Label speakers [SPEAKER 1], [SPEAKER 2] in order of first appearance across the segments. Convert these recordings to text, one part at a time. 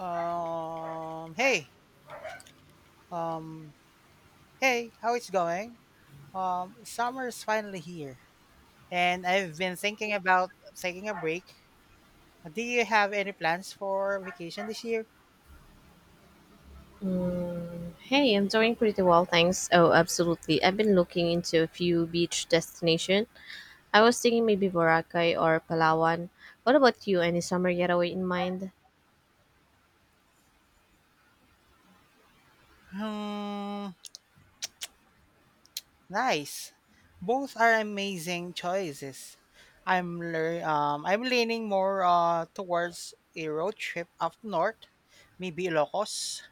[SPEAKER 1] Um, hey, um, hey, how it's going? Summer's finally here, and I've been thinking about taking a break. Do you have any plans for vacation this year?
[SPEAKER 2] Hey, I'm doing pretty well, thanks. Oh, absolutely. I've been looking into a few beach destination. I was thinking maybe Boracay or Palawan. What about you? Any summer getaway in mind?
[SPEAKER 1] Hmm, nice. Both are amazing choices. I'm leaning more towards a road trip up north, maybe Ilocos.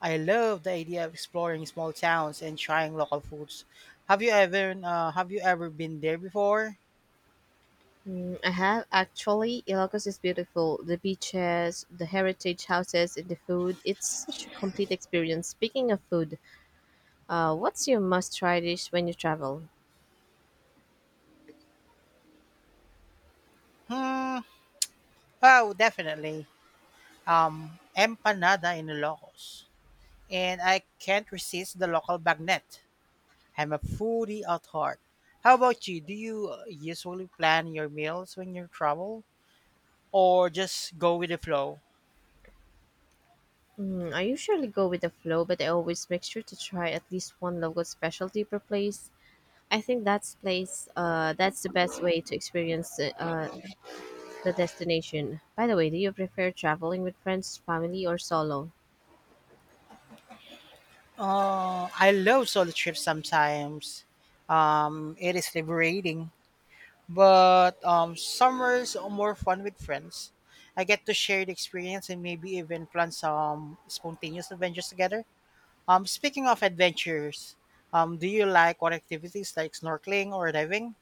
[SPEAKER 1] I love the idea of exploring small towns and trying local foods. Have you ever been there before?
[SPEAKER 2] Mm, I have actually. Ilocos is beautiful. The beaches, the heritage houses, and the food. It's such a complete experience. Speaking of food, what's your must-try dish when you travel?
[SPEAKER 1] Oh, definitely. Empanada in Ilocos, and I can't resist the local bagnet. I'm a foodie at heart. How about you? Do you usually plan your meals when you travel, or just go with the flow?
[SPEAKER 2] Mm, I usually go with the flow, but I always make sure to try at least one local specialty per place. I think that's place. That's the best way to experience the destination. By the way, do you prefer traveling with friends, family, or solo?
[SPEAKER 1] I love solo trips sometimes. It is liberating. But summer's are more fun with friends. I get to share the experience and maybe even plan some spontaneous adventures together. Speaking of adventures, do you like what activities like snorkeling or diving?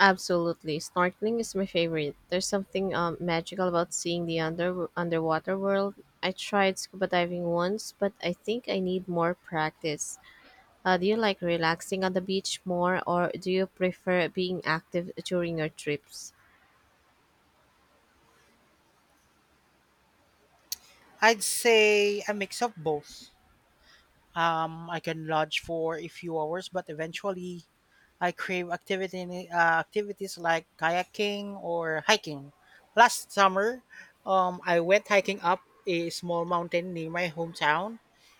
[SPEAKER 2] Absolutely, snorkeling is my favorite. There's something magical about seeing the underwater world. I tried scuba diving once, but I think I need more practice. Do you like relaxing on the beach more, or do you prefer being active during your trips?
[SPEAKER 1] I'd say a mix of both. I can lodge for a few hours, but eventually, I crave activity activities like kayaking or hiking. Last summer, I went hiking up a small mountain near my hometown,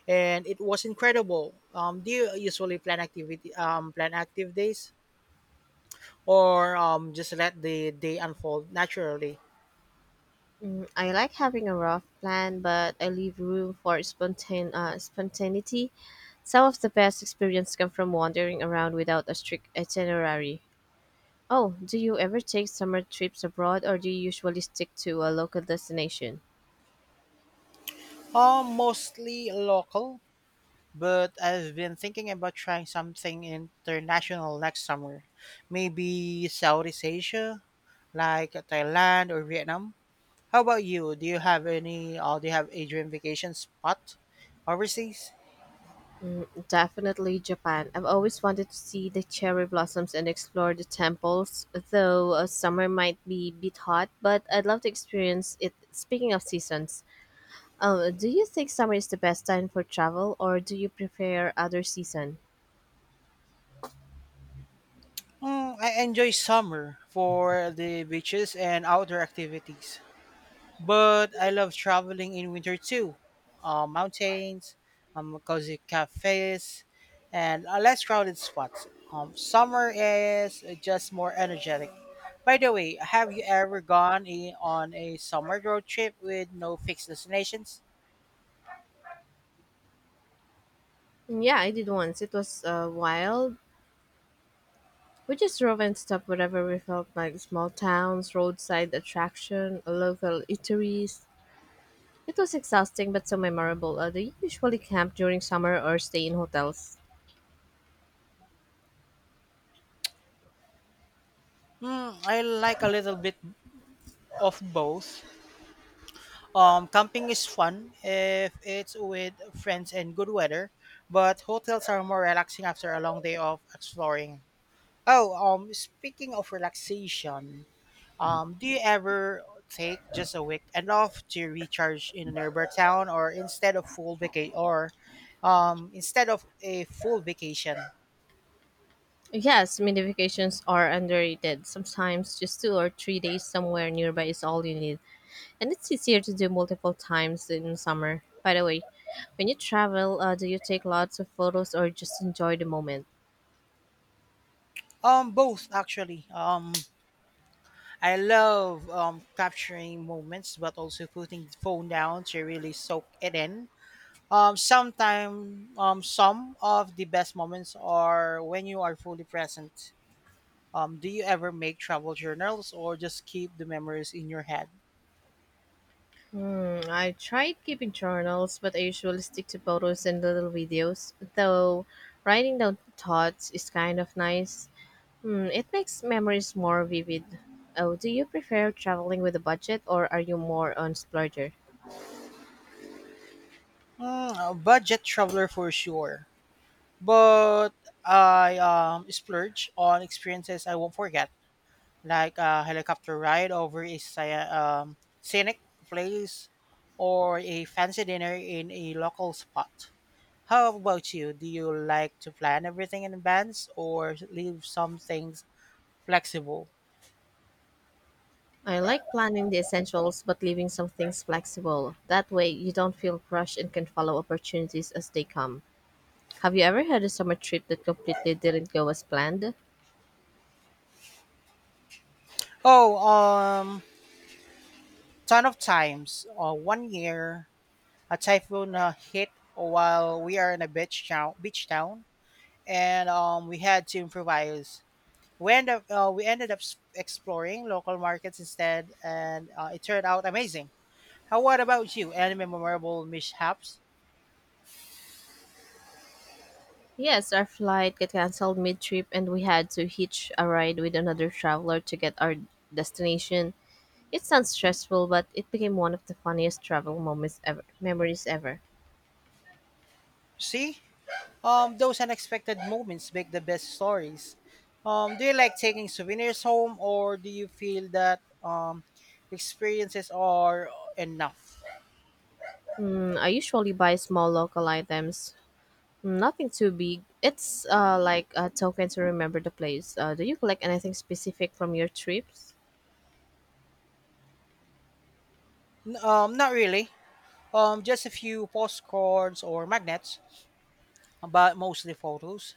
[SPEAKER 1] and it was incredible. Do you usually plan active days, or just let the day unfold naturally?
[SPEAKER 2] Mm, I like having a rough plan, but I leave room for spontaneity. Some of the best experience come from wandering around without a strict itinerary. Oh, do you ever take summer trips abroad or do you usually stick to a local destination?
[SPEAKER 1] Mostly local, but I've been thinking about trying something international next summer. Maybe Southeast Asia, like Thailand or Vietnam. How about you? Do you have any or do you have a dream vacation spot overseas?
[SPEAKER 2] Definitely Japan. I've always wanted to see the cherry blossoms and explore the temples, though summer might be a bit hot, but I'd love to experience it. Speaking of seasons, do you think summer is the best time for travel, or do you prefer other season?
[SPEAKER 1] Mm, I enjoy summer for the beaches and outdoor activities. But I love traveling in winter too. Mountains, cozy cafes, and less crowded spots. Summer is just more energetic. By the way, have you ever on a summer road trip with no fixed destinations?
[SPEAKER 2] Yeah, I did once. It was wild. We just drove and stopped wherever we felt like small towns, roadside attraction, local eateries. It was exhausting but so memorable. Do you usually camp during summer or stay in hotels?
[SPEAKER 1] Hmm, I like a little bit of both. Camping is fun if it's with friends and good weather, but hotels are more relaxing after a long day of exploring. Oh, speaking of relaxation, do you ever take just a weekend off to recharge in a nearby town, or instead of a full vacation?
[SPEAKER 2] Yes, mini vacations are underrated. Sometimes just 2 or 3 days somewhere nearby is all you need. And it's easier to do multiple times in summer. By the way, when you travel, do you take lots of photos or just enjoy the moment?
[SPEAKER 1] Both actually. I love capturing moments, but also putting the phone down to really soak it in. Sometimes some of the best moments are when you are fully present. Do you ever make travel journals or just keep the memories in your head?
[SPEAKER 2] Mm, I tried keeping journals, but I usually stick to photos and little videos. Though writing down thoughts is kind of nice. Mm, it makes memories more vivid. Oh, do you prefer traveling with a budget or are you more on splurger?
[SPEAKER 1] Mm, a budget traveler for sure, but I splurge on experiences I won't forget, like a helicopter ride over a scenic place or a fancy dinner in a local spot. How about you? Do you like to plan everything in advance or leave some things flexible?
[SPEAKER 2] I like planning the essentials but leaving some things flexible. That way, you don't feel rushed and can follow opportunities as they come. Have you ever had a summer trip that completely didn't go as planned?
[SPEAKER 1] Oh, ton of times. One year a typhoon hit while we are in a beach town, and we had to improvise. We ended up exploring local markets instead, and it turned out amazing. How what about you? Any memorable mishaps?
[SPEAKER 2] Yes, our flight got canceled mid trip and we had to hitch a ride with another traveler to get our destination. It sounds stressful, but it became one of the funniest travel moments ever, memories ever.
[SPEAKER 1] See, those unexpected moments make the best stories. Do you like taking souvenirs home, or do you feel that experiences are enough?
[SPEAKER 2] Mm, I usually buy small local items, hmm, nothing too big. It's like a token to remember the place. Do you collect anything specific from your trips?
[SPEAKER 1] Not really. Just a few postcards or magnets, but mostly photos.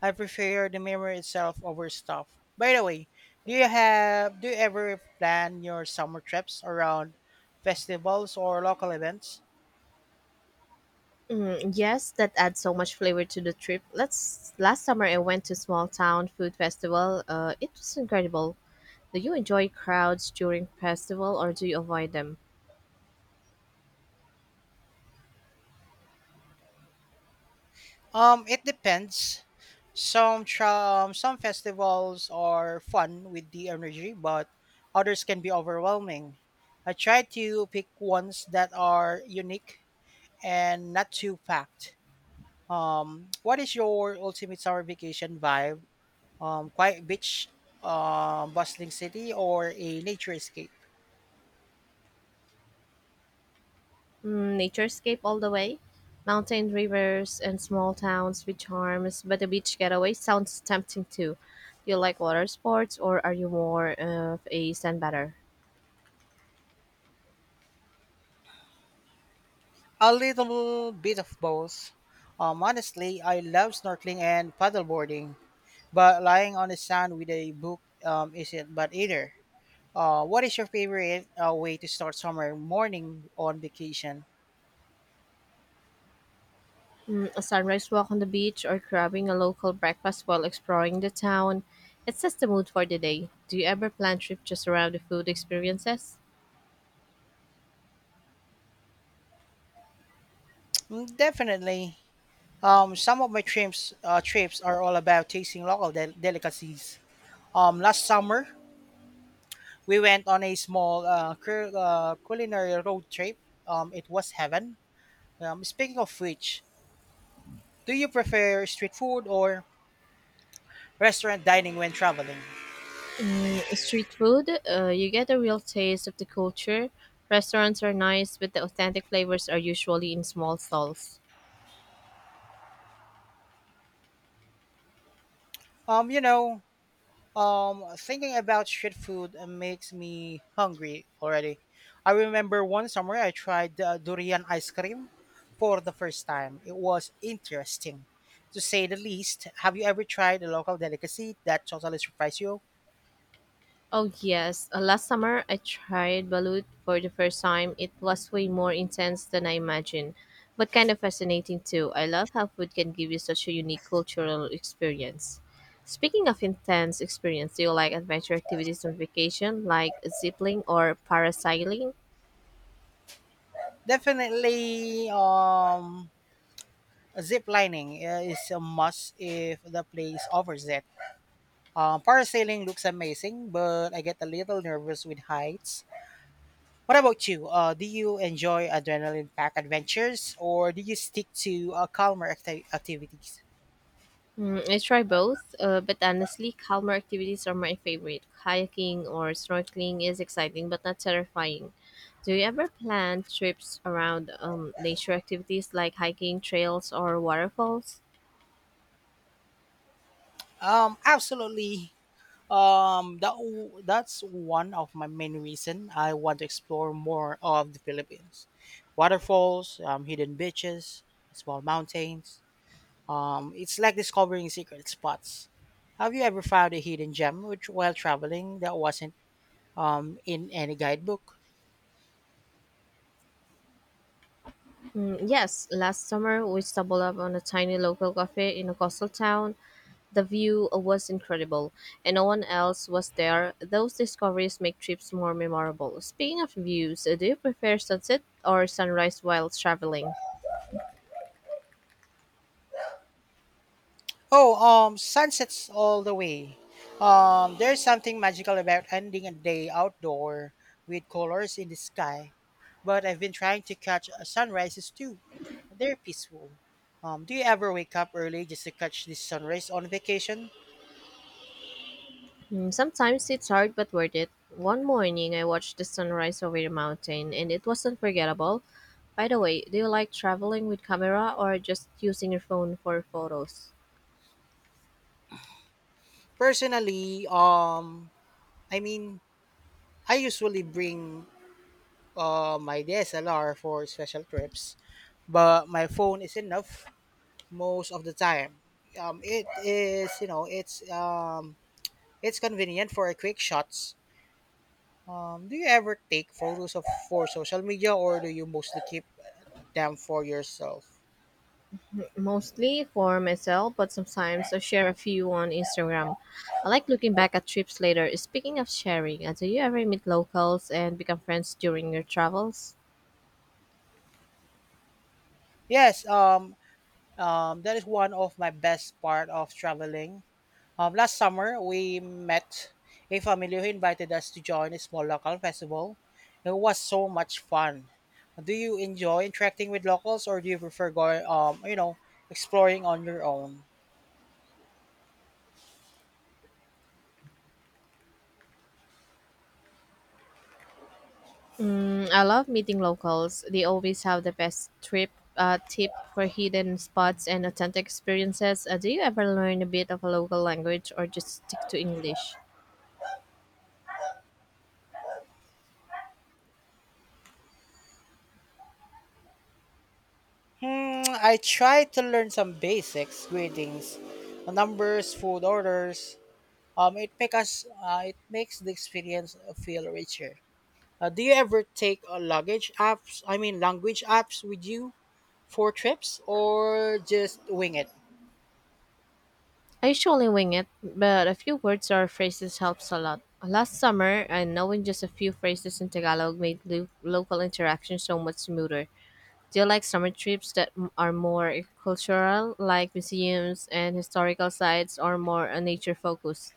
[SPEAKER 1] I prefer the memory itself over stuff. By the way, do you ever plan your summer trips around festivals or local events?
[SPEAKER 2] Mm, yes, that adds so much flavor to the trip. Last summer I went to small town food festival. It was incredible. Do you enjoy crowds during festival or do you avoid them?
[SPEAKER 1] It depends. Some festivals are fun with the energy, but others can be overwhelming. I try to pick ones that are unique and not too packed. What is your ultimate summer vacation vibe? Quiet beach, bustling city, or a nature escape?
[SPEAKER 2] Mm, naturescape all the way. Mountain rivers and small towns with charms, but a beach getaway sounds tempting too. Do you like water sports or are you more of a sandbatter?
[SPEAKER 1] A little bit of both. Honestly, I love snorkeling and paddleboarding, but lying on the sand with a book isn't bad either. What is your favorite way to start summer morning on vacation?
[SPEAKER 2] Mm, a sunrise walk on the beach or grabbing a local breakfast while exploring the town. It sets the mood for the day. Do you ever plan trips just around the food experiences?
[SPEAKER 1] Mm, definitely. Some of my trips are all about tasting delicacies. Last summer, we went on a small culinary road trip. It was heaven. Speaking of which, do you prefer street food or restaurant dining when traveling?
[SPEAKER 2] Mm, street food, you get a real taste of the culture. Restaurants are nice, but the authentic flavors are usually in small stalls.
[SPEAKER 1] Um, you know, Thinking about street food makes me hungry already. I remember one summer I tried durian ice cream for the first time. It was interesting, to say the least. Have you ever tried a local delicacy that totally surprised you?
[SPEAKER 2] Oh yes, last summer I tried balut for the first time. It was way more intense than I imagined, but kind of fascinating too. I love how food can give you such a unique cultural experience. Speaking of intense experience, do you like adventure activities on vacation, like ziplining or parasailing?
[SPEAKER 1] Definitely. Zip lining is a must if the place offers it. Parasailing looks amazing, but I get a little nervous with heights. What about you? Do you enjoy adrenaline-packed adventures, or do you stick to activities?
[SPEAKER 2] Mm, I try both, but honestly, calmer activities are my favorite. Kayaking or snorkeling is exciting but not terrifying. Do you ever plan trips around nature activities like hiking, trails, or waterfalls?
[SPEAKER 1] Absolutely. That's one of my main reason I want to explore more of the Philippines. Waterfalls, hidden beaches, small mountains. It's like discovering secret spots. Have you ever found a hidden gem which, while traveling, that wasn't in any guidebook?
[SPEAKER 2] Mm, yes, last summer we stumbled upon a tiny local cafe in a coastal town. The view was incredible, and no one else was there. Those discoveries make trips more memorable. Speaking of views, do you prefer sunset or sunrise while traveling?
[SPEAKER 1] Oh, sunsets all the way. There's something magical about ending a day outdoor with colors in the sky. But I've been trying to catch sunrises too. They're peaceful. Do you ever wake up early just to catch the sunrise on vacation?
[SPEAKER 2] Mm, sometimes it's hard but worth it. One morning I watched the sunrise over the mountain and it was unforgettable. By the way, do you like traveling with camera or just using your phone for photos?
[SPEAKER 1] Personally, I mean, I usually bring my DSLR for special trips, but my phone is enough most of the time. It is you know it's It's convenient for quick shots. Do you ever take photos of for social media, or do you mostly keep them for yourself?
[SPEAKER 2] Mostly for myself, but sometimes I share a few on Instagram. I like looking back at trips later. Speaking of sharing, do you ever meet locals and become friends during your travels?
[SPEAKER 1] Yes, that is one of my best part of traveling. Last summer, we met a family who invited us to join a small local festival. It was so much fun. Do you enjoy interacting with locals, or do you prefer going, exploring on your own?
[SPEAKER 2] Mm, I love meeting locals. They always have the best trip tip for hidden spots and authentic experiences. Do you ever learn a bit of a local language or just stick to English?
[SPEAKER 1] Hmm, I try to learn some basics: greetings, numbers, food orders. It makes the experience feel richer. Do you ever take luggage apps? I mean, language apps with you for trips, or just wing it?
[SPEAKER 2] I usually wing it, but a few words or phrases helps a lot. Last summer, knowing just a few phrases in Tagalog made local interaction so much smoother. Do you like summer trips that are more cultural, like museums and historical sites, or more nature focused?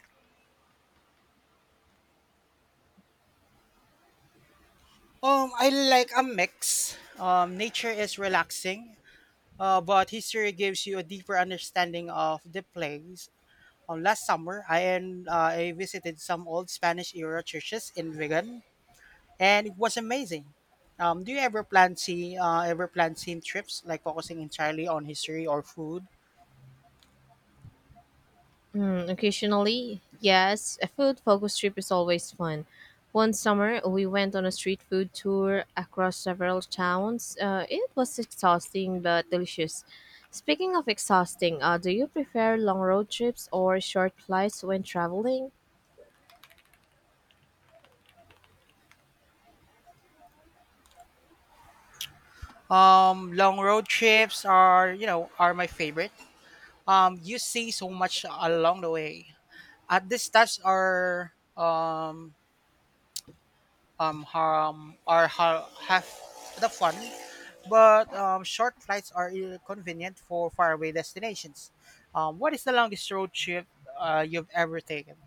[SPEAKER 1] I like a mix. Nature is relaxing, but history gives you a deeper understanding of the place. Last summer, I visited some old Spanish era churches in Vigan, and it was amazing. Do you ever plan scene trips like focusing entirely on history or food?
[SPEAKER 2] Hmm, occasionally, yes. A food focus trip is always fun. One summer, we went on a street food tour across several towns. It was exhausting but delicious. Speaking of exhausting, do you prefer long road trips or short flights when traveling?
[SPEAKER 1] Long road trips are are my favorite. You see so much along the way. At these stops are um harm or ha- have the fun, but short flights are convenient for faraway destinations. What is the longest road trip you've ever taken?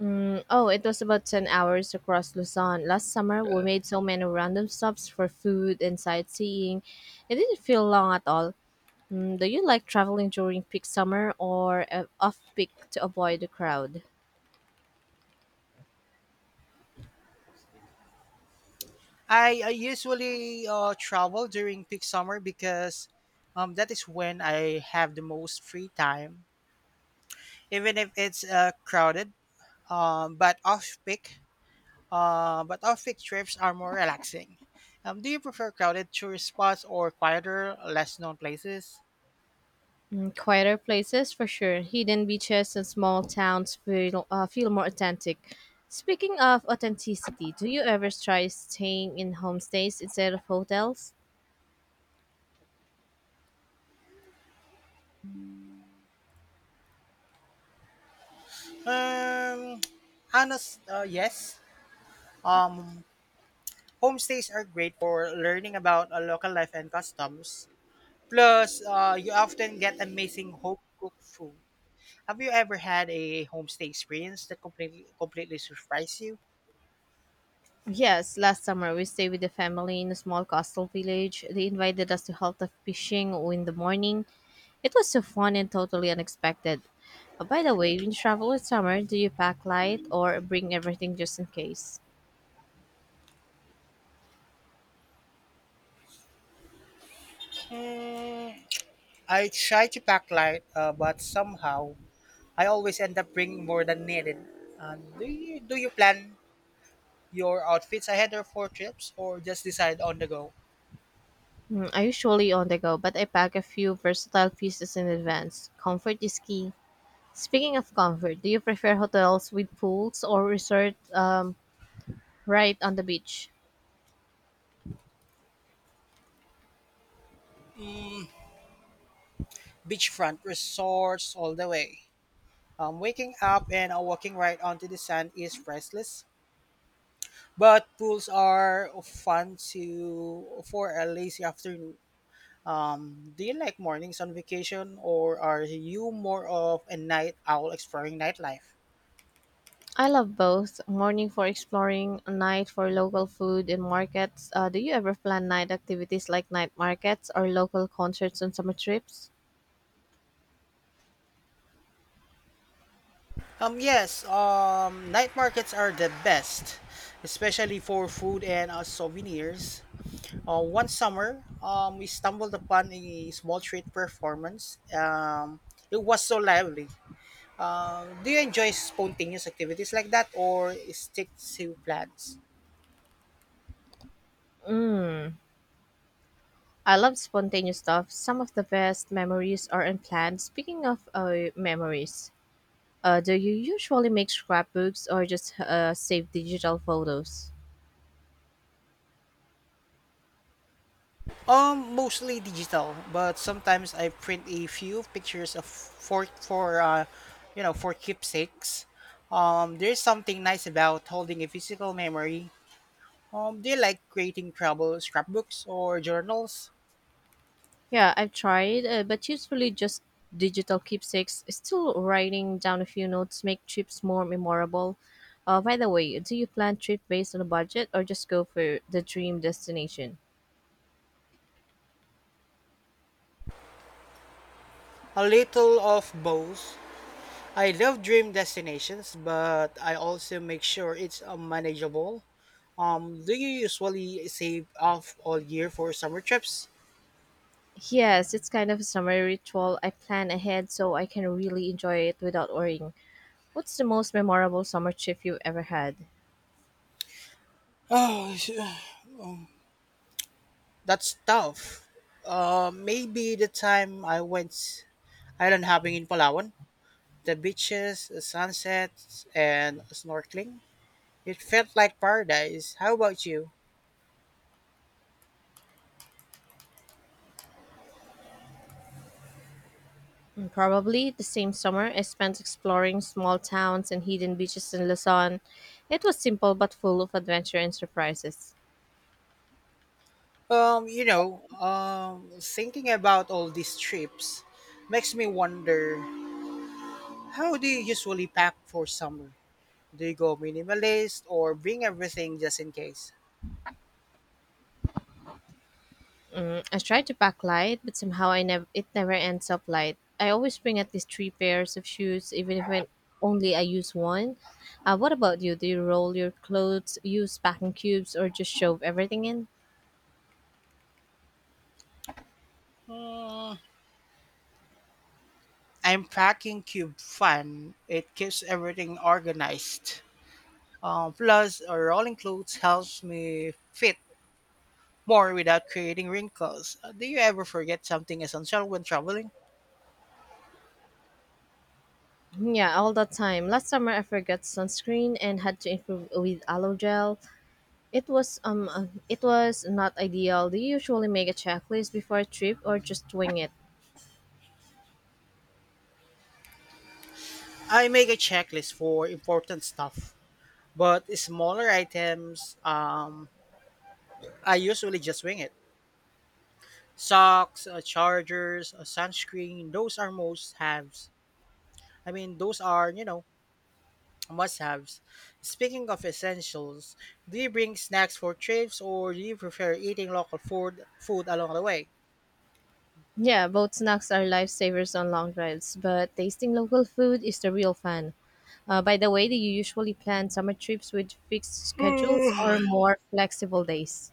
[SPEAKER 2] Mm, oh, it was about 10 hours across Luzon. Last summer, we made so many random stops for food and sightseeing. It didn't feel long at all. Mm, do you like traveling during peak summer or off peak to avoid the crowd?
[SPEAKER 1] I usually travel during peak summer because that is when I have the most free time, even if it's crowded. Um, but off peak, but off peak trips are more relaxing. Do you prefer crowded tourist spots or quieter, less known places?
[SPEAKER 2] Mm, quieter places for sure. Hidden beaches and small towns feel more authentic. Speaking of authenticity, do you ever try staying in homestays instead of hotels?
[SPEAKER 1] Um, yes. Um, Homestays are great for learning about a local life and customs. Plus, you often get amazing home cooked food. Have you ever had a homestay experience that completely surprised you?
[SPEAKER 2] Yes, last summer we stayed with the family in a small coastal village. They invited us to help the fishing in the morning. It was so fun and totally unexpected. Oh, by the way, when you travel in summer, do you pack light or bring everything just in case?
[SPEAKER 1] Mm, I try to pack light, but somehow I always end up bringing more than needed. Do you plan your outfits ahead of for trips, or just decide on the go?
[SPEAKER 2] Mm, I usually on the go, but I pack a few versatile pieces in advance. Comfort is key. Speaking of comfort, do you prefer hotels with pools or resort right on the beach?
[SPEAKER 1] Beachfront resorts all the way. Waking up and walking right onto the sand is priceless, but pools are fun to for a lazy afternoon. Do you like mornings on vacation, or are you more of a night owl exploring nightlife?
[SPEAKER 2] I love both. Morning for exploring, night for local food and markets. Do you ever plan night activities like night markets or local concerts on summer trips?
[SPEAKER 1] Yes, night markets are the best, especially for food and souvenirs. One summer, we stumbled upon a small street performance. It was so lively. Do you enjoy spontaneous activities like that or stick to plans?
[SPEAKER 2] I love spontaneous stuff. Some of the best memories are unplanned. Speaking of memories, do you usually make scrapbooks or just save digital photos?
[SPEAKER 1] Mostly digital, but sometimes I print a few pictures of for for keepsakes. There's something nice about holding a physical memory. Do you like creating travel scrapbooks or journals?
[SPEAKER 2] Yeah, I've tried, but usually just digital keepsakes. Still writing down a few notes make trips more memorable. By the way, do you plan trip based on a budget or just go for the dream destination?
[SPEAKER 1] A little of both. I love dream destinations, but I also make sure it's manageable. Do you usually save off all year for summer trips?
[SPEAKER 2] Yes, it's kind of a summer ritual. I plan ahead so I can really enjoy it without worrying. What's the most memorable summer trip you've ever had?
[SPEAKER 1] Oh, that's tough. Maybe the time I went island hopping in Palawan, the beaches, the sunsets, and snorkeling. It felt like paradise. How about you?
[SPEAKER 2] Mm, probably the same summer I spent exploring small towns and hidden beaches in Luzon. It was simple but full of adventure and surprises.
[SPEAKER 1] Thinking about all these trips makes me wonder, how do you usually pack for summer? Do you go minimalist or bring everything just in case?
[SPEAKER 2] I try to pack light, but somehow I never it never ends up light. I always bring at least 3 pairs of shoes, even if I use one. What about you? Do you roll your clothes, use packing cubes, or just shove everything in?
[SPEAKER 1] Hmm, I'm packing Cube Fun. It keeps everything organized. Plus, rolling clothes helps me fit more without creating wrinkles. Do you ever forget something essential when traveling?
[SPEAKER 2] Yeah, all the time. Last summer I forgot sunscreen and had to improve with aloe gel. It was not ideal. Do you usually make a checklist before a trip or just wing it?
[SPEAKER 1] I make a checklist for important stuff, but smaller items, I usually just wing it. Socks, chargers, sunscreen. Those are most haves. I mean, those are, you know, must haves. Speaking of essentials, do you bring snacks for trips or do you prefer eating local food along the way?
[SPEAKER 2] Yeah, both snacks are lifesavers on long drives, but tasting local food is the real fun. By the way, do you usually plan summer trips with fixed schedules or more flexible days?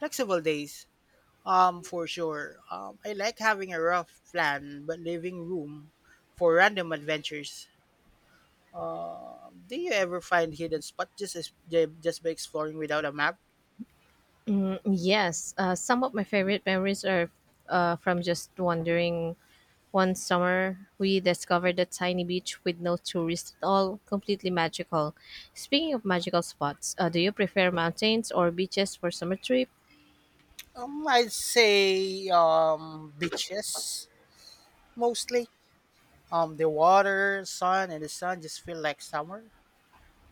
[SPEAKER 1] Flexible days, for sure. I like having a rough plan but leaving room for random adventures. Do you ever find hidden spots just by exploring without a map?
[SPEAKER 2] Mm, yes, some of my favorite memories are from just wandering. One summer, we discovered a tiny beach with no tourists at all, completely magical. Speaking of magical spots, do you prefer mountains or beaches for summer trip?
[SPEAKER 1] I'd say beaches mostly. The water, sun, and the sun just feel like summer.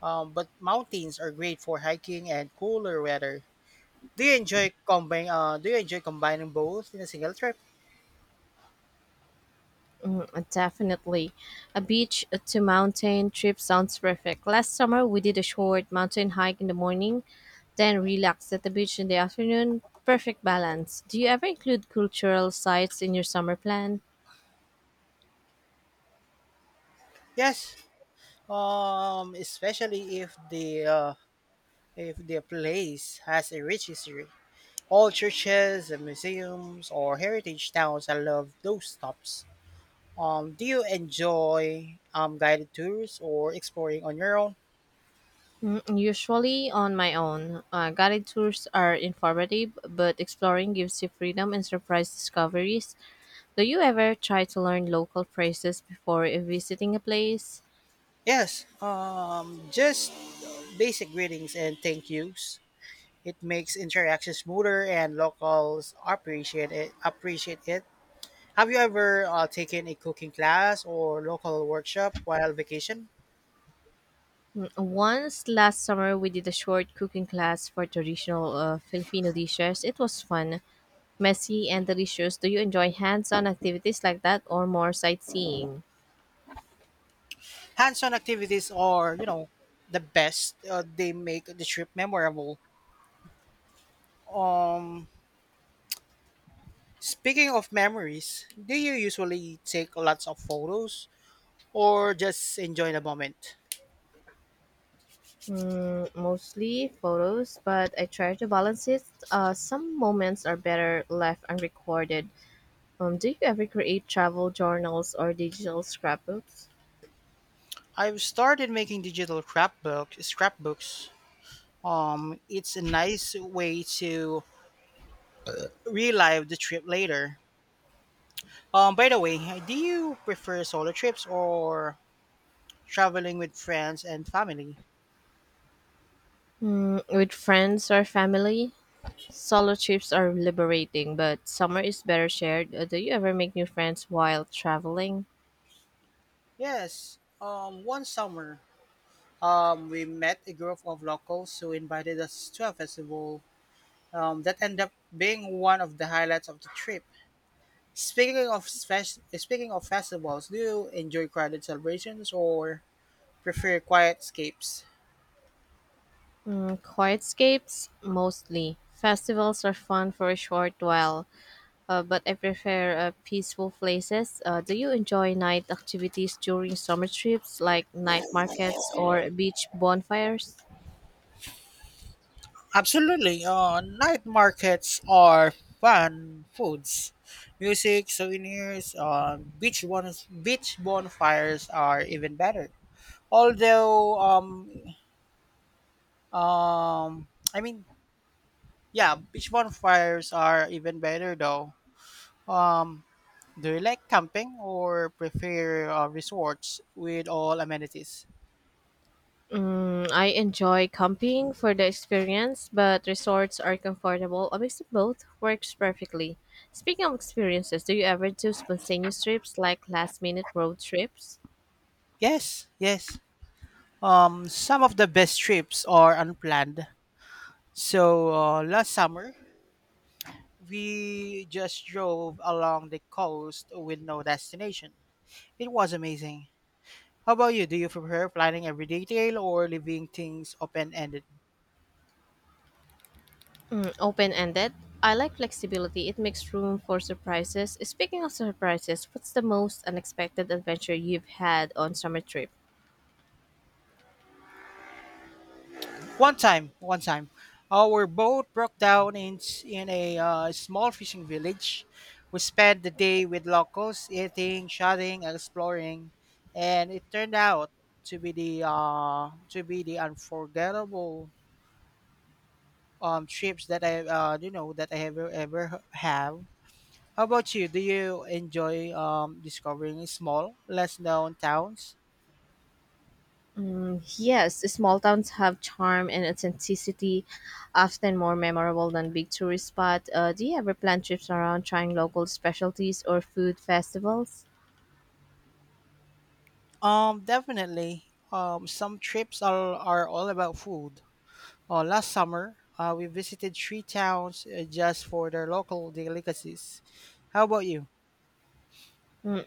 [SPEAKER 1] But mountains are great for hiking and cooler weather. Do you enjoy combine? Do you enjoy combining both in a single trip?
[SPEAKER 2] Definitely. A beach to mountain trip sounds perfect. Last summer, we did a short mountain hike in the morning, then relaxed at the beach in the afternoon. Perfect balance. Do you ever include cultural sites in your summer plan?
[SPEAKER 1] Yes. Especially if the place has a rich history. All churches and museums or heritage towns. I love those stops. Do you enjoy guided tours or exploring on your own?
[SPEAKER 2] Mm, usually on my own. Guided tours are informative, but exploring gives you freedom and surprise discoveries. Do you ever try to learn local phrases before visiting a place?
[SPEAKER 1] Yes, just basic greetings and thank yous. It makes interaction smoother and locals appreciate it. Have you ever taken a cooking class or local workshop while vacation?
[SPEAKER 2] Once last summer, we did a short cooking class for traditional Filipino dishes. It was fun, messy, and delicious. Do you enjoy hands on activities like that or more sightseeing?
[SPEAKER 1] Hands-on activities are, you know, the best. They make the trip memorable. Um, speaking of memories, do you usually take lots of photos or just enjoy the moment?
[SPEAKER 2] Mm, mostly photos, but I try to balance it. Some moments are better left unrecorded. Do you ever create travel journals or digital scrapbooks?
[SPEAKER 1] I've started making digital scrapbook scrapbooks. It's a nice way to relive the trip later. By the way, do you prefer solo trips or traveling with friends and family?
[SPEAKER 2] Mm, with friends or family? Solo trips are liberating, but summer is better shared. Do you ever make new friends while traveling?
[SPEAKER 1] Yes. One summer, we met a group of locals who invited us to a festival. That ended up being one of the highlights of the trip. Speaking of festivals, do you enjoy crowded celebrations or prefer quiet escapes.
[SPEAKER 2] Mm, quiet escapes mostly. Festivals are fun for a short while, but I prefer peaceful places. Do you enjoy night activities during summer trips, like night markets or beach bonfires?
[SPEAKER 1] Absolutely. Night markets are fun foods. Music, souvenirs, beach bonfires are even better. Although, um, um, I mean, yeah, beach bonfires are even better though. Um, do you like camping or prefer resorts with all amenities?
[SPEAKER 2] Mm, I enjoy camping for the experience, but resorts are comfortable. A mix of both works perfectly. Speaking of experiences, do you ever do spontaneous trips like last minute road trips?
[SPEAKER 1] Yes. Some of the best trips are unplanned. So last summer, we just drove along the coast with no destination. It was amazing. How about you? Do you prefer planning every detail or leaving things open ended?
[SPEAKER 2] Mm, open ended. I like flexibility, it makes room for surprises. Speaking of surprises, what's the most unexpected adventure you've had on summer trip?
[SPEAKER 1] One time, our boat broke down in a small fishing village. We spent the day with locals, eating, chatting, exploring, and it turned out to be the unforgettable trips that I you know that I ever have. How about you? Do you enjoy discovering small, less known towns?
[SPEAKER 2] Yes, small towns have charm and authenticity, often more memorable than big tourist spots. Do you ever plan trips around trying local specialties or food festivals?
[SPEAKER 1] Definitely. Some trips are all about food. Last summer, we visited three towns just for their local delicacies. How about you?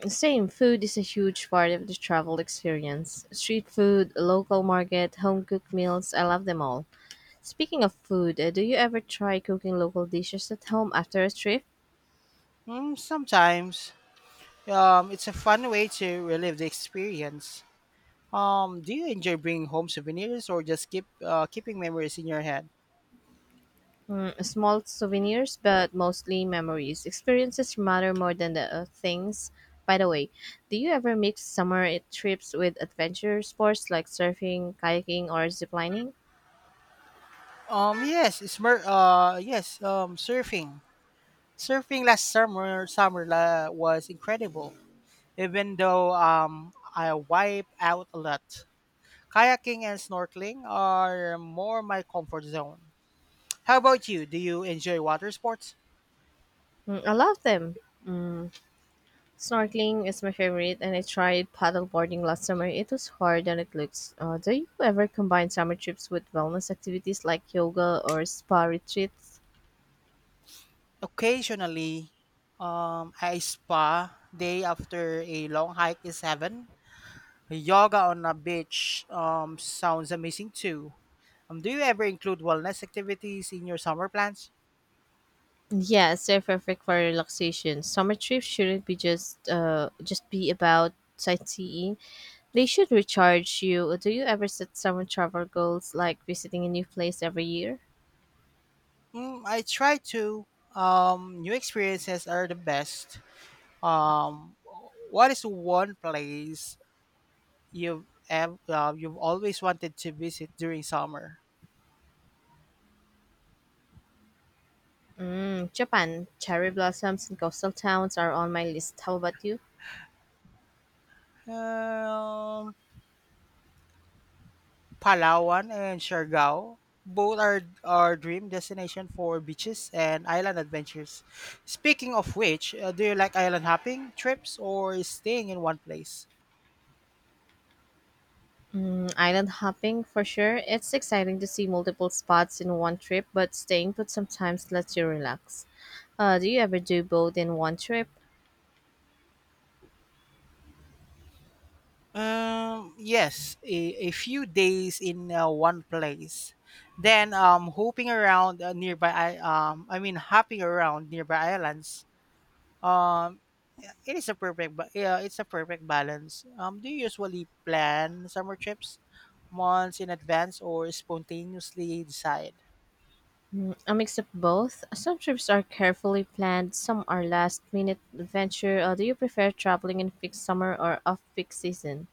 [SPEAKER 2] Same, food is a huge part of the travel experience. Street food, local market, home cooked meals, I love them all. Speaking of food, do you ever try cooking local dishes at home after a trip?
[SPEAKER 1] Mm, sometimes. It's a fun way to relive the experience. Do you enjoy bringing home souvenirs or just keeping memories in your head?
[SPEAKER 2] Mm, small souvenirs, but mostly memories. Experiences matter more than the things. By the way, do you ever mix trips with adventure sports like surfing, kayaking, or ziplining?
[SPEAKER 1] Yes, surfing. Surfing last summer was incredible. Even though I wipe out a lot. Kayaking and snorkeling are more my comfort zone. How about you? Do you enjoy water sports?
[SPEAKER 2] Mm, I love them. Mm, snorkeling is my favorite, and I tried paddleboarding last summer. It was harder than it looks. Do you ever combine summer trips with wellness activities like yoga or spa retreats?
[SPEAKER 1] Occasionally, a spa day after a long hike is heaven. Yoga on a beach sounds amazing too. Do you ever include wellness activities in your summer plans?
[SPEAKER 2] Yes, they're perfect for relaxation. Summer trips shouldn't be just be about sightseeing. They should recharge you. Do you ever set summer travel goals like visiting a new place every year?
[SPEAKER 1] Mm, I try to. New experiences are the best. Um, what is one place you've always wanted to visit during summer?
[SPEAKER 2] Mm, Japan, cherry blossoms and coastal towns are on my list. How about you?
[SPEAKER 1] Um, Palawan and Siargao. Both are our dream destination for beaches and island adventures. Speaking of which, do you like island hopping trips or staying in one place?
[SPEAKER 2] Mm, island hopping for sure. It's exciting to see multiple spots in one trip, but staying put sometimes lets you relax. Do you ever do both in one trip?
[SPEAKER 1] Yes, a few days in one place. Then hopping around nearby, I mean hopping around nearby islands. Um, it's a perfect balance. Do you usually plan summer trips months in advance or spontaneously decide?
[SPEAKER 2] A mix of both. Some trips are carefully planned, some are last minute adventure. Do you prefer traveling in peak summer or off peak season?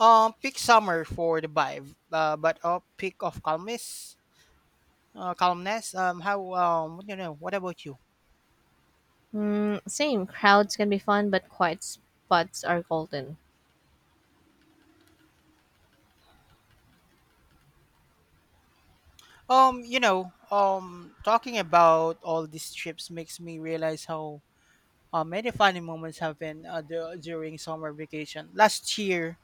[SPEAKER 1] Pick summer for the vibe, but pick of calmness. How you know? What about you?
[SPEAKER 2] Mm, same. Crowds can be fun, but quiet spots are golden.
[SPEAKER 1] Talking about all these trips makes me realize how many funny moments happen during summer vacation. Last year,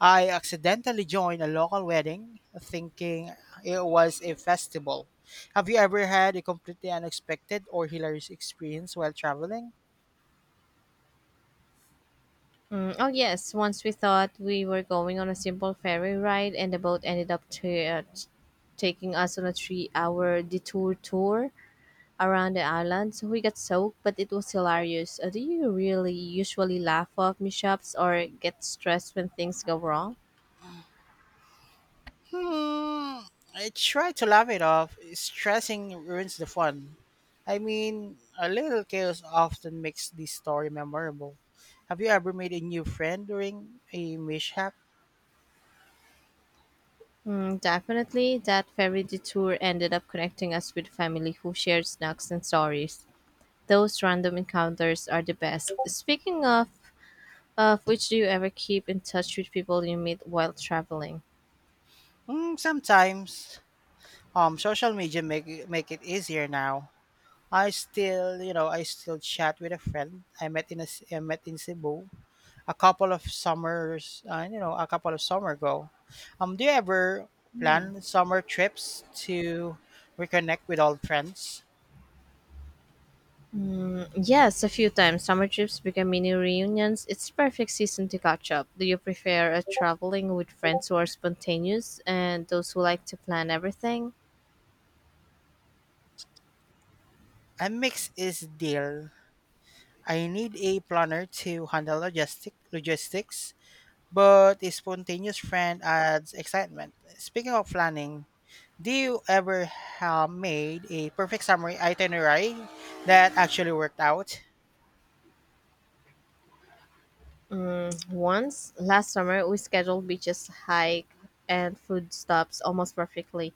[SPEAKER 1] I accidentally joined a local wedding, thinking it was a festival. Have you ever had a completely unexpected or hilarious experience while traveling?
[SPEAKER 2] Mm, oh, yes. Once we thought we were going on a simple ferry ride, and the boat ended up taking us on a 3-hour detour tour around the island. So we got soaked, but it was hilarious. Do you really usually laugh off mishaps or get stressed when things go wrong?
[SPEAKER 1] Hmm, I try to laugh it off. Stressing ruins the fun. I mean, a little chaos often makes the story memorable. Have you ever made a new friend during a mishap?
[SPEAKER 2] Mm, definitely, that ferry detour ended up connecting us with family who shared snacks and stories. Those random encounters are the best. Speaking of which, do you ever keep in touch with people you meet while traveling?
[SPEAKER 1] Hmm, sometimes. Social media make it easier now. I still, you know, I still chat with a friend I met in Cebu, a couple of summers, a couple of summer ago. Do you ever plan summer trips to reconnect with old friends?
[SPEAKER 2] Yes, a few times. Summer trips become mini reunions. It's perfect season to catch up. Do you prefer traveling with friends who are spontaneous and those who like to plan everything?
[SPEAKER 1] A mix is deal. I need a planner to handle logistics, but a spontaneous friend adds excitement. Speaking of planning, do you ever have made a perfect summary itinerary that actually worked out?
[SPEAKER 2] Once last summer, we scheduled beaches, hike, and food stops almost perfectly.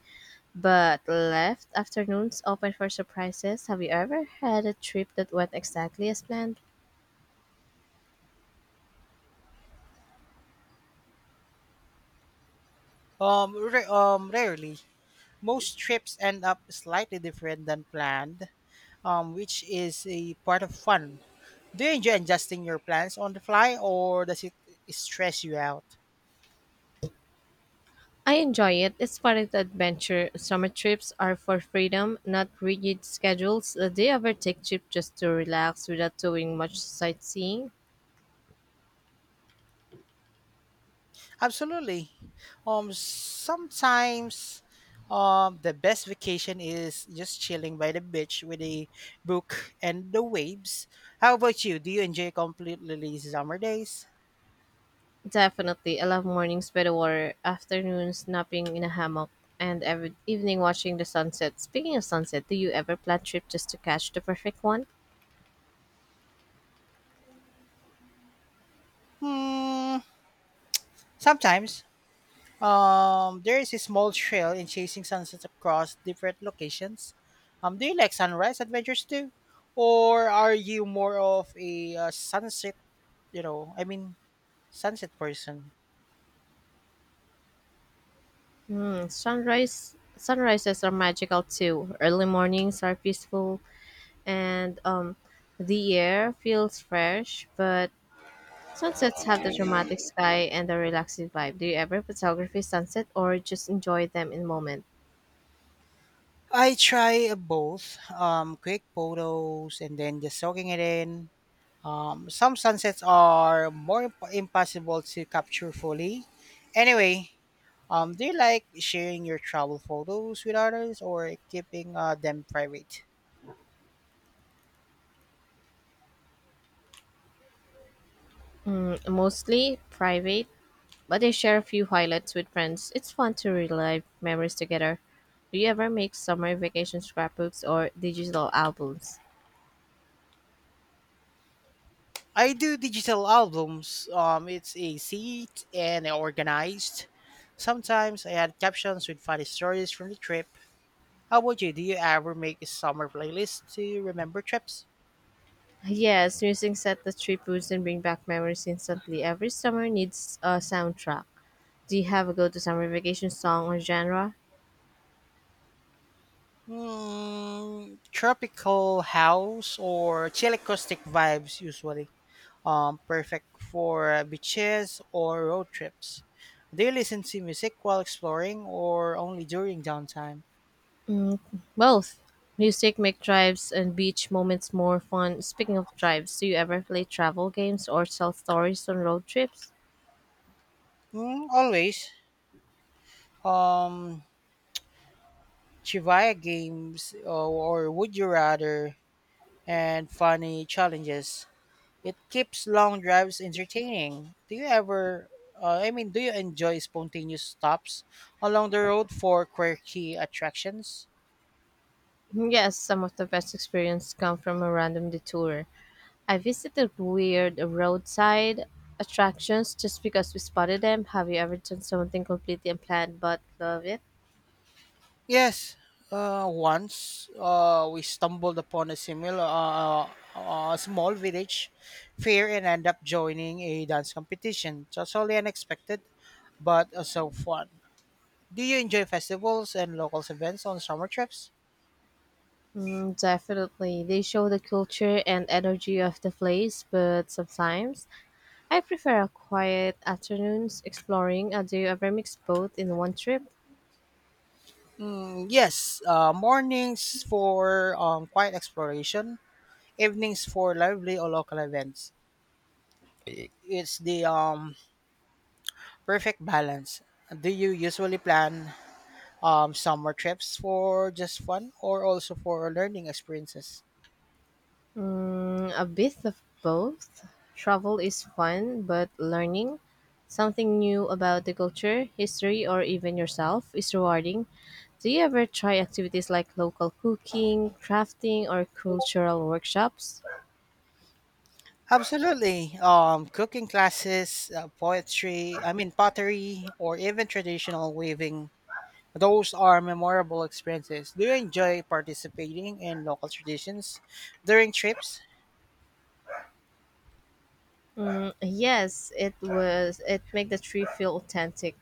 [SPEAKER 2] But left afternoons open for surprises. Have you ever had a trip that went exactly as planned?
[SPEAKER 1] Um, ra- um, rarely. Most trips end up slightly different than planned, which is a part of fun. Do you enjoy adjusting your plans on the fly, or does it stress you out?
[SPEAKER 2] I enjoy it. It's part of the adventure. Summer trips are for freedom, not rigid schedules. Do you ever take trip just to relax without doing much sightseeing?
[SPEAKER 1] Absolutely. Sometimes, the best vacation is just chilling by the beach with a book and the waves. How about you? Do you enjoy completely lazy summer days?
[SPEAKER 2] Definitely. I love mornings by the water, afternoons napping in a hammock, and every evening watching the sunset. Speaking of sunset, do you ever plan trip just to catch the perfect one?
[SPEAKER 1] Hmm, sometimes. There is a small trail in chasing sunsets across different locations. Do you like sunrise adventures too, or are you more of a sunset? You know, I mean, Sunset person.
[SPEAKER 2] Sunrises are magical too. Early mornings are peaceful and the air feels fresh, but sunsets have the dramatic sky and the relaxing vibe. Do you ever photography sunset or just enjoy them in moment?
[SPEAKER 1] I try both. Quick photos and then just soaking it in. Some sunsets are more impossible to capture fully. Anyway, do you like sharing your travel photos with others or keeping them private?
[SPEAKER 2] Mostly private, but I share a few highlights with friends. It's fun to relive memories together. Do you ever make summer vacation scrapbooks or digital albums?
[SPEAKER 1] I do digital albums. It's a seat and organized. Sometimes I add captions with funny stories from the trip. How about you? Do you ever make a summer playlist to remember trips?
[SPEAKER 2] Yes, music set the trip roots and bring back memories instantly. Every summer needs a soundtrack. Do you have a go-to summer vacation song or genre?
[SPEAKER 1] Mm, tropical house or chill acoustic vibes usually. Perfect for beaches or road trips. Do you listen to music while exploring or only during downtime?
[SPEAKER 2] Both. Music make drives and beach moments more fun. Speaking of drives, do you ever play travel games or tell stories on road trips?
[SPEAKER 1] Mm, always. Um, Chivaya games or Would You Rather and funny challenges. It keeps long drives entertaining. Do you ever, I mean, Do you enjoy spontaneous stops along the road for quirky attractions?
[SPEAKER 2] Yes, some of the best experiences come from a random detour. I visited weird roadside attractions just because we spotted them. Have you ever done something completely unplanned but love it?
[SPEAKER 1] Yes. Once we stumbled upon a similar small village fair and end up joining a dance competition. Totally unexpected, but so fun. Do you enjoy festivals and locals events on summer trips?
[SPEAKER 2] Mm, definitely. They show the culture and energy of the place, but sometimes I prefer a quiet afternoons exploring. Do you ever mix both in one trip?
[SPEAKER 1] Mm, yes, mornings for quiet exploration, evenings for lively or local events. It's the perfect balance. Do you usually plan summer trips for just fun or also for learning experiences?
[SPEAKER 2] Mm, a bit of both. Travel is fun, but learning something new about the culture, history, or even yourself is rewarding. Do you ever try activities like local cooking, crafting, or cultural workshops?
[SPEAKER 1] Absolutely. Cooking classes, pottery, or even traditional weaving. Those are memorable experiences. Do you enjoy participating in local traditions during trips?
[SPEAKER 2] Yes, it was. It make the tree feel authentic.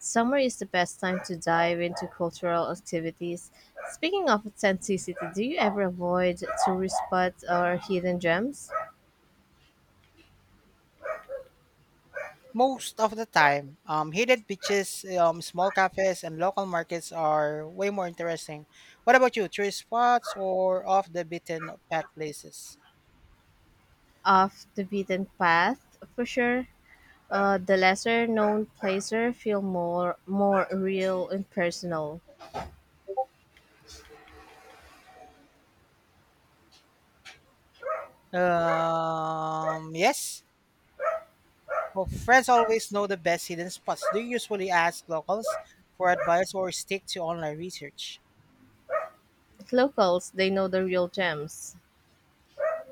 [SPEAKER 2] Summer is the best time to dive into cultural activities. Speaking of authenticity, do you ever avoid tourist spots or hidden gems
[SPEAKER 1] Most of the time, hidden beaches, small cafes, and local markets are way more interesting. What about you? Tourist spots or off the beaten path places?
[SPEAKER 2] off the beaten path? For sure, the lesser known places feel more real and personal.
[SPEAKER 1] Yes. Well, friends always know the best hidden spots. Do you usually ask locals for advice or stick to online research?
[SPEAKER 2] Locals, they know the real gems.